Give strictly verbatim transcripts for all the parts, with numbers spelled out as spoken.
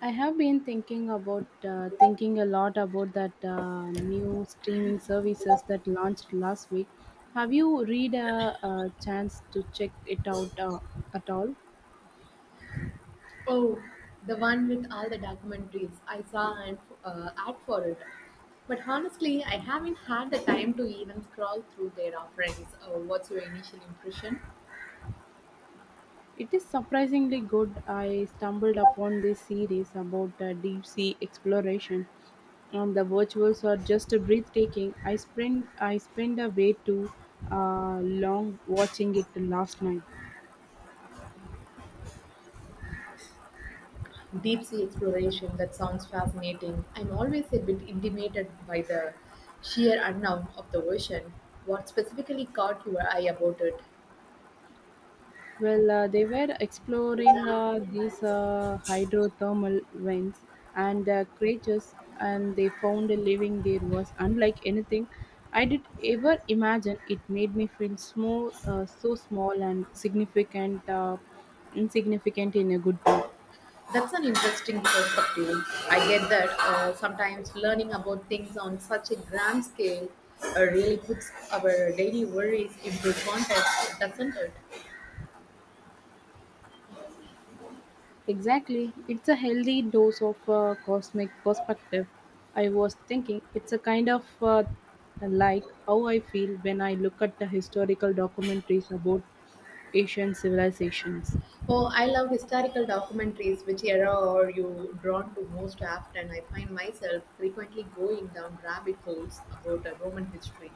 I have been thinking about uh, thinking a lot about that uh, new streaming services that launched last week. Have you read a, a chance to check it out uh, at all? Oh, the one with all the documentaries. I saw an uh, ad for it. But honestly, I haven't had the time to even scroll through their offerings. Uh, what's your initial impression? It is surprisingly good. I stumbled upon this series about uh, deep sea exploration, and the virtuals are just breathtaking. I spent I spent a way too uh, long watching it last night. Deep sea exploration, that sounds fascinating. I'm always a bit intimidated by the sheer unknown of the ocean. What specifically caught your eye about it? Well, uh, they were exploring uh, these uh, hydrothermal vents and uh, creatures, and they found a living there was unlike anything I did ever imagine. It made me feel small, uh, so small and significant, uh, insignificant in a good way. That's an interesting perspective. I get that uh, sometimes learning about things on such a grand scale uh, really puts our daily worries into context, doesn't it? Exactly. It's a healthy dose of uh, cosmic perspective. I was thinking it's a kind of uh, like how I feel when I look at the historical documentaries about Asian civilizations. Oh, I love historical documentaries. Which era are you drawn to most often? I find myself frequently going down rabbit holes about uh, Roman history.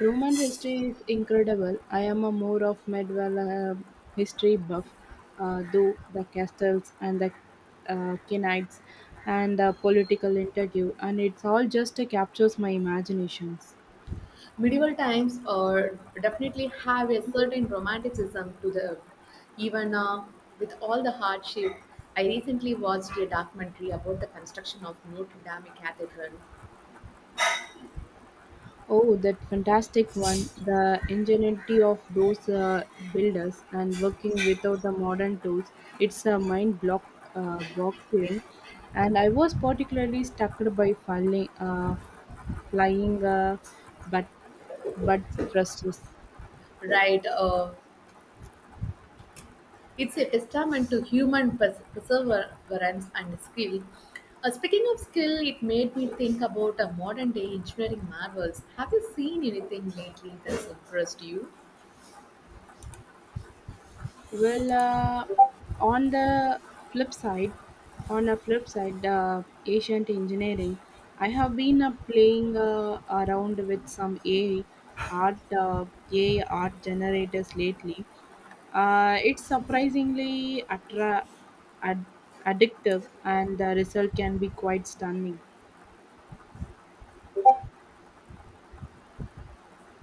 Roman history is incredible. I am a more of medieval uh, history buff, uh, though the castles and the uh, knights and the political interview, and it's all just uh, captures my imaginations. Medieval times uh, definitely have a certain romanticism to them, even uh, with all the hardship. I recently watched a documentary about the construction of Notre Dame Cathedral. Oh, that fantastic one. The ingenuity of those uh, builders and working without the modern tools. It's a mind block uh, boggling. And I was particularly struck by falling, uh, flying uh, but but thrusters. Right, uh, it's a testament to human pers- perseverance and skill. Uh, speaking of skill, it made me think about a modern day engineering marvels. Have you seen anything lately that's impressed you? Well, uh, on the flip side, on a flip side, uh, ancient engineering, I have been uh, playing uh, around with some A I art, uh, A I art generators lately. Uh, it's surprisingly attra- ad- addictive, and the result can be quite stunning.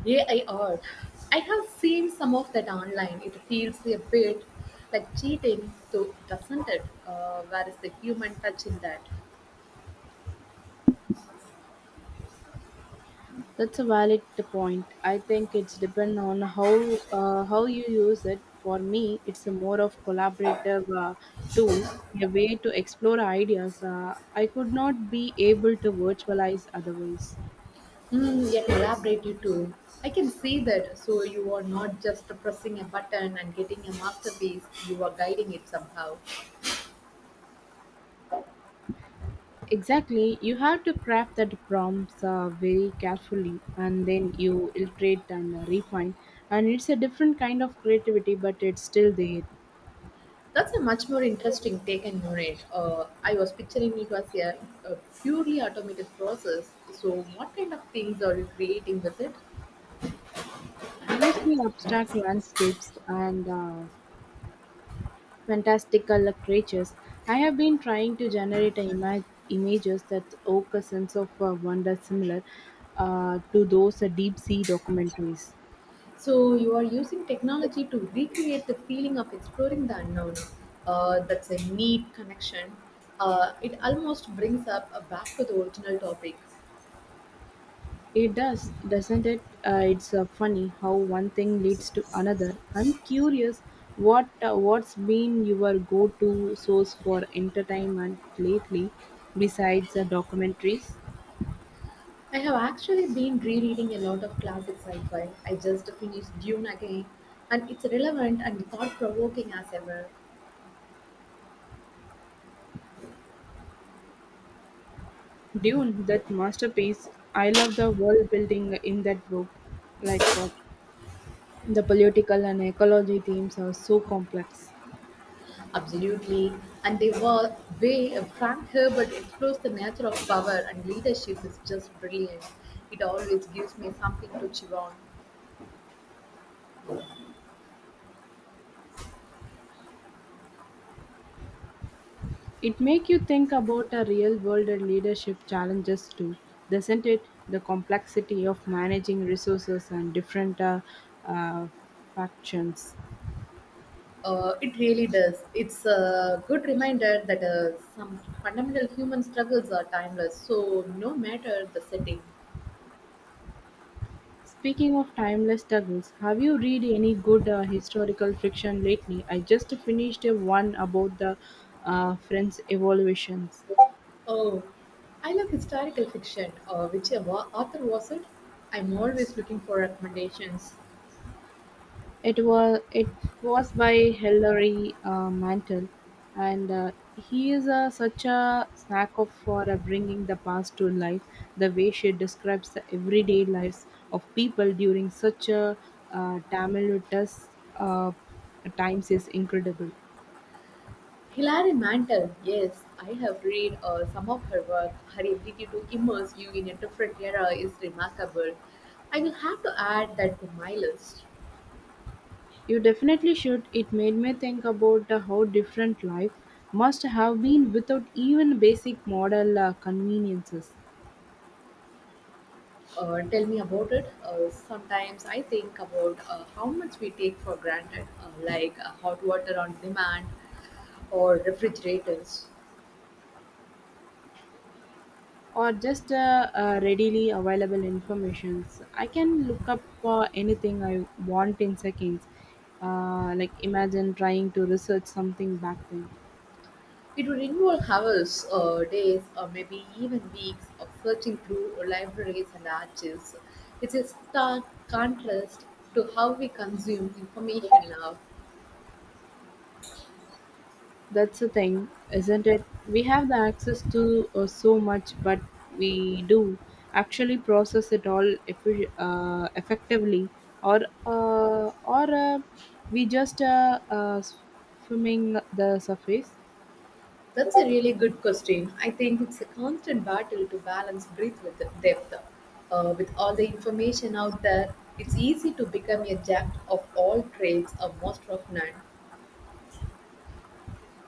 A I art. I have seen some of that online. It feels a bit like cheating, though, doesn't it? Uh, where is the human touch in that? That's a valid point. I think it's depend on how uh, how you use it. For me, it's a more of collaborative uh, tool, a way to explore ideas. Uh, I could not be able to virtualize otherwise. Hmm, a you too. I can see that. So you are not just pressing a button and getting a masterpiece. You are guiding it somehow. Exactly, you have to craft that prompts uh, very carefully, and then you iterate and uh, refine. And it's a different kind of creativity, but it's still there. That's a much more interesting take and on it. Uh, I was picturing it was a, a purely automated process. So what kind of things are you creating with it? Mostly abstract landscapes and uh, fantastical creatures. I have been trying to generate a ima- images that evoke a sense of uh, wonder similar uh, to those uh, deep sea documentaries. So you are using technology to recreate the feeling of exploring the unknown. Uh, that's a neat connection. Uh, it almost brings up uh, back to the original topic. It does, doesn't it? Uh, it's uh, funny how one thing leads to another. I'm curious, what uh, what's been your go-to source for entertainment lately, besides uh, documentaries? I have actually been rereading a lot of classic sci-fi. I just finished Dune again, and it's relevant and thought-provoking as ever. Dune, that masterpiece. I love the world building in that book. Like uh, The political and ecology themes are so complex. Absolutely, and the wa- way Frank Herbert explores the nature of power and leadership is just brilliant. It always gives me something to chew on. It make you think about a real world and leadership challenges too, doesn't it? The complexity of managing resources and different uh, uh, factions. Uh, it really does. It's a good reminder that uh, some fundamental human struggles are timeless, so no matter the setting. Speaking of timeless struggles, have you read any good uh, historical fiction lately? I just finished a one about the uh, French evolutions. Oh, I love historical fiction. Uh, which wa- author was it? I'm always looking for recommendations. It was it was by Hilary uh, Mantel, and uh, he is uh, such a snack of for uh, bringing the past to life. The way she describes the everyday lives of people during such a uh, tumultuous uh, times is incredible. Hilary Mantel, yes, I have read uh, some of her work. Her ability to immerse you in a different era is remarkable. I will have to add that to my list. You definitely should. It made me think about uh, how different life must have been without even basic model uh, conveniences. Uh, tell me about it. Uh, sometimes I think about uh, how much we take for granted, uh, like uh, hot water on demand or refrigerators. Or just uh, uh, readily available informations I can look up for anything I want in seconds, uh, like imagine trying to research something back then. It would involve hours, uh, days, or maybe even weeks of searching through libraries and archives. It's a stark contrast to how we consume information now. That's the thing, isn't it? We have the access to uh, so much, but we do actually process it all effi- uh, effectively, or uh, or uh, we just uh, uh, swimming the surface. That's a really good question. I think it's a constant battle to balance breadth with depth. Uh, with all the information out there, it's easy to become a jack of all trades or master of none.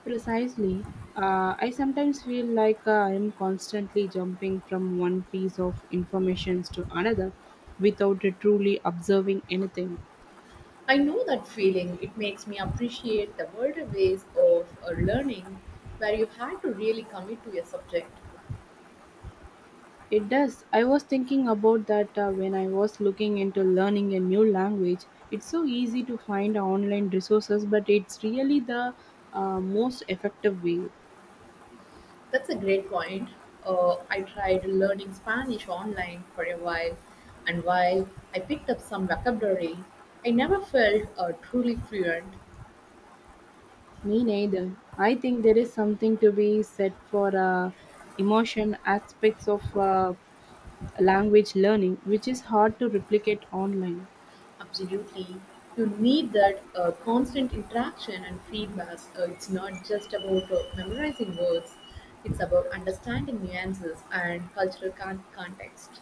Precisely. Uh, I sometimes feel like uh, I am constantly jumping from one piece of information to another without it truly observing anything. I know that feeling. It makes me appreciate the older ways of uh, learning where you had to really commit to a subject. It does. I was thinking about that uh, when I was looking into learning a new language. It's so easy to find online resources, but it's really the uh, most effective way. That's a great point. Uh, I tried learning Spanish online for a while, and while I picked up some vocabulary, I never felt uh, truly fluent. Me neither. I think there is something to be said for uh, emotion aspects of uh, language learning, which is hard to replicate online. Absolutely. You need that uh, constant interaction and feedback. Uh, it's not just about uh, memorizing words, it's about understanding nuances and cultural con- context.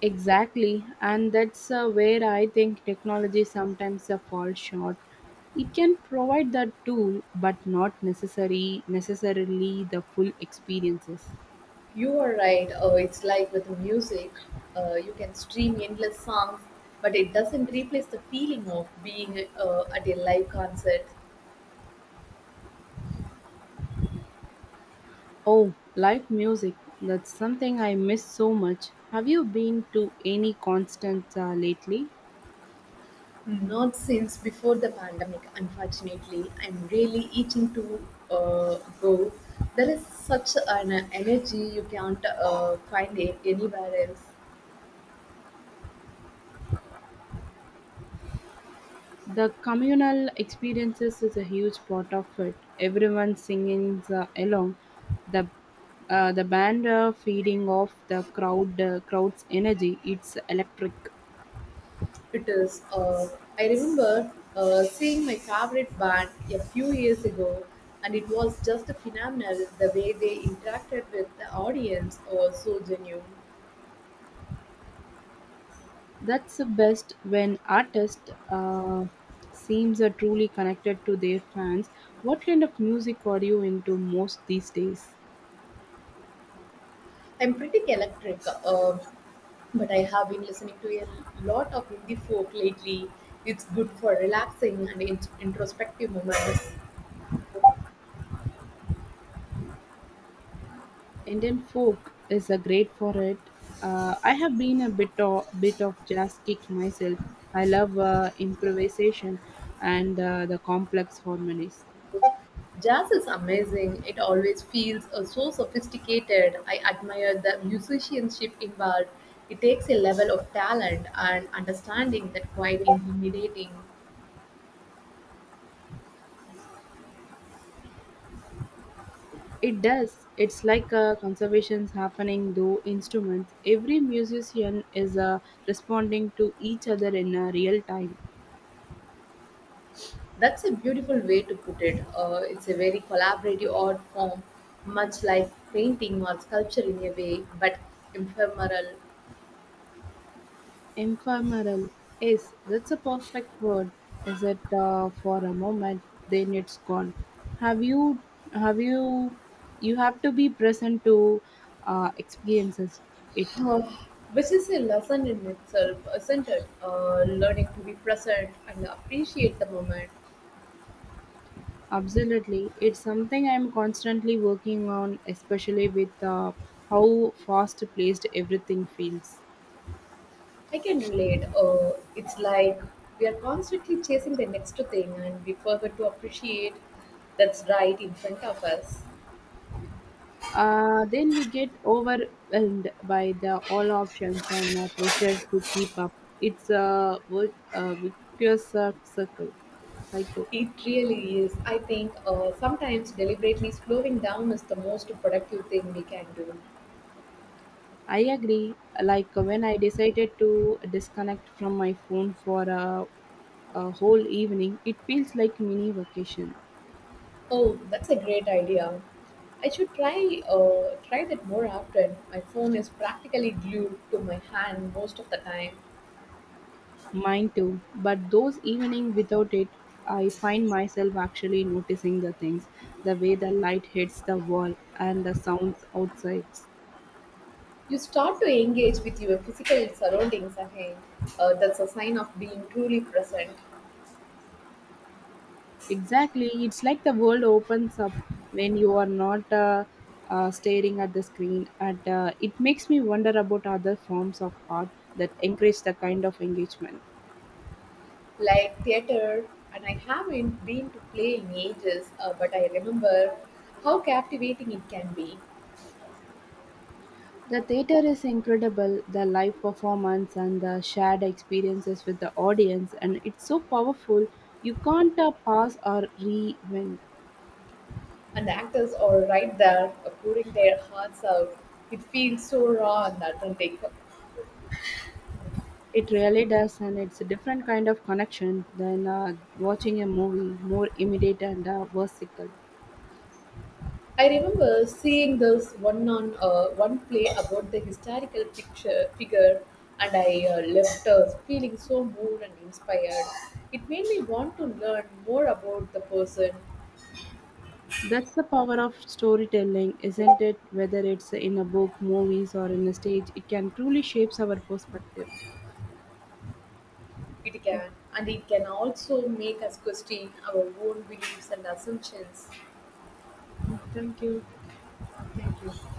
Exactly, and that's uh, where I think technology sometimes uh, falls short. It can provide the tool, but not necessary necessarily the full experiences. You are right. Uh, it's like with music, uh, you can stream endless songs, but it doesn't replace the feeling of being uh, at a live concert. Oh, live music. That's something I miss so much. Have you been to any concerts uh, lately? Not since before the pandemic, unfortunately. I'm really itching to uh, go. There is such an energy you can't uh, find it anywhere else. The communal experiences is a huge part of it. Everyone singing uh, along, the uh, the band uh, feeding off the crowd uh, crowd's energy. It's electric. It is. Uh, I remember uh, seeing my favorite band a few years ago, and it was just phenomenal the way they interacted with the audience. Uh, so genuine. That's the best when artist uh, seems are truly connected to their fans. What kind of music are you into most these days? I'm pretty electric, uh, but I have been listening to a lot of indie folk lately. It's good for relaxing and in- introspective moments. Indian folk is a great for it. Uh, I have been a bit of, bit of jazz kick myself. I love uh, improvisation and uh, the complex harmonies. Jazz is amazing. It always feels uh, so sophisticated. I admire the musicianship involved. It takes a level of talent and understanding that quite intimidating. It does. It's like a conservations happening through instruments. Every musician is uh, responding to each other in uh, real time. That's a beautiful way to put it. Uh, it's a very collaborative art form, much like painting or sculpture in a way, but ephemeral. Ephemeral. Yes, that's a perfect word. Is it uh, for a moment, then it's gone. Have you, have you, you have to be present to uh, experiences it. Uh, which is a lesson in itself, isn't it? Uh, learning to be present and appreciate the moment. Absolutely, it's something I'm constantly working on, especially with uh, how fast-paced everything feels. I can relate. Uh, it's like we are constantly chasing the next thing and we forget to appreciate that's right in front of us. Uh, then we get overwhelmed by the all options and uh, pressure to keep up. It's a vi- a vicious uh, circle. Cycle. It really is. I think uh, sometimes deliberately slowing down is the most productive thing we can do. I agree. Like uh, when I decided to disconnect from my phone for a, a whole evening, it feels like mini vacation. Oh, that's a great idea. I should try uh, try that more often. My phone is practically glued to my hand most of the time. Mine too. But those evening without it, I find myself actually noticing the things, the way the light hits the wall and the sounds outside. You start to engage with your physical surroundings again. Uh, that's a sign of being truly present. Exactly. It's like the world opens up when you are not uh, uh, staring at the screen. And uh, it makes me wonder about other forms of art that encourage the kind of engagement. Like theater, and I haven't been to play in ages, uh, but I remember how captivating it can be. The theater is incredible, the live performance and the shared experiences with the audience, and it's so powerful. You can't uh, pause or re. And the actors are right there, uh, pouring their hearts out. It feels so raw and authentic. It really does, and it's a different kind of connection than uh, watching a movie, more immediate and uh, versatile. I remember seeing this one on uh, one play about the historical picture figure, and I uh, left uh, feeling so moved and inspired. It made me want to learn more about the person. That's the power of storytelling, isn't it? Whether it's in a book, movies, or in a stage, it can truly shapes our perspective. It Yeah, can, and it can also make us question our own beliefs and assumptions. yeah, thank you. Thank you.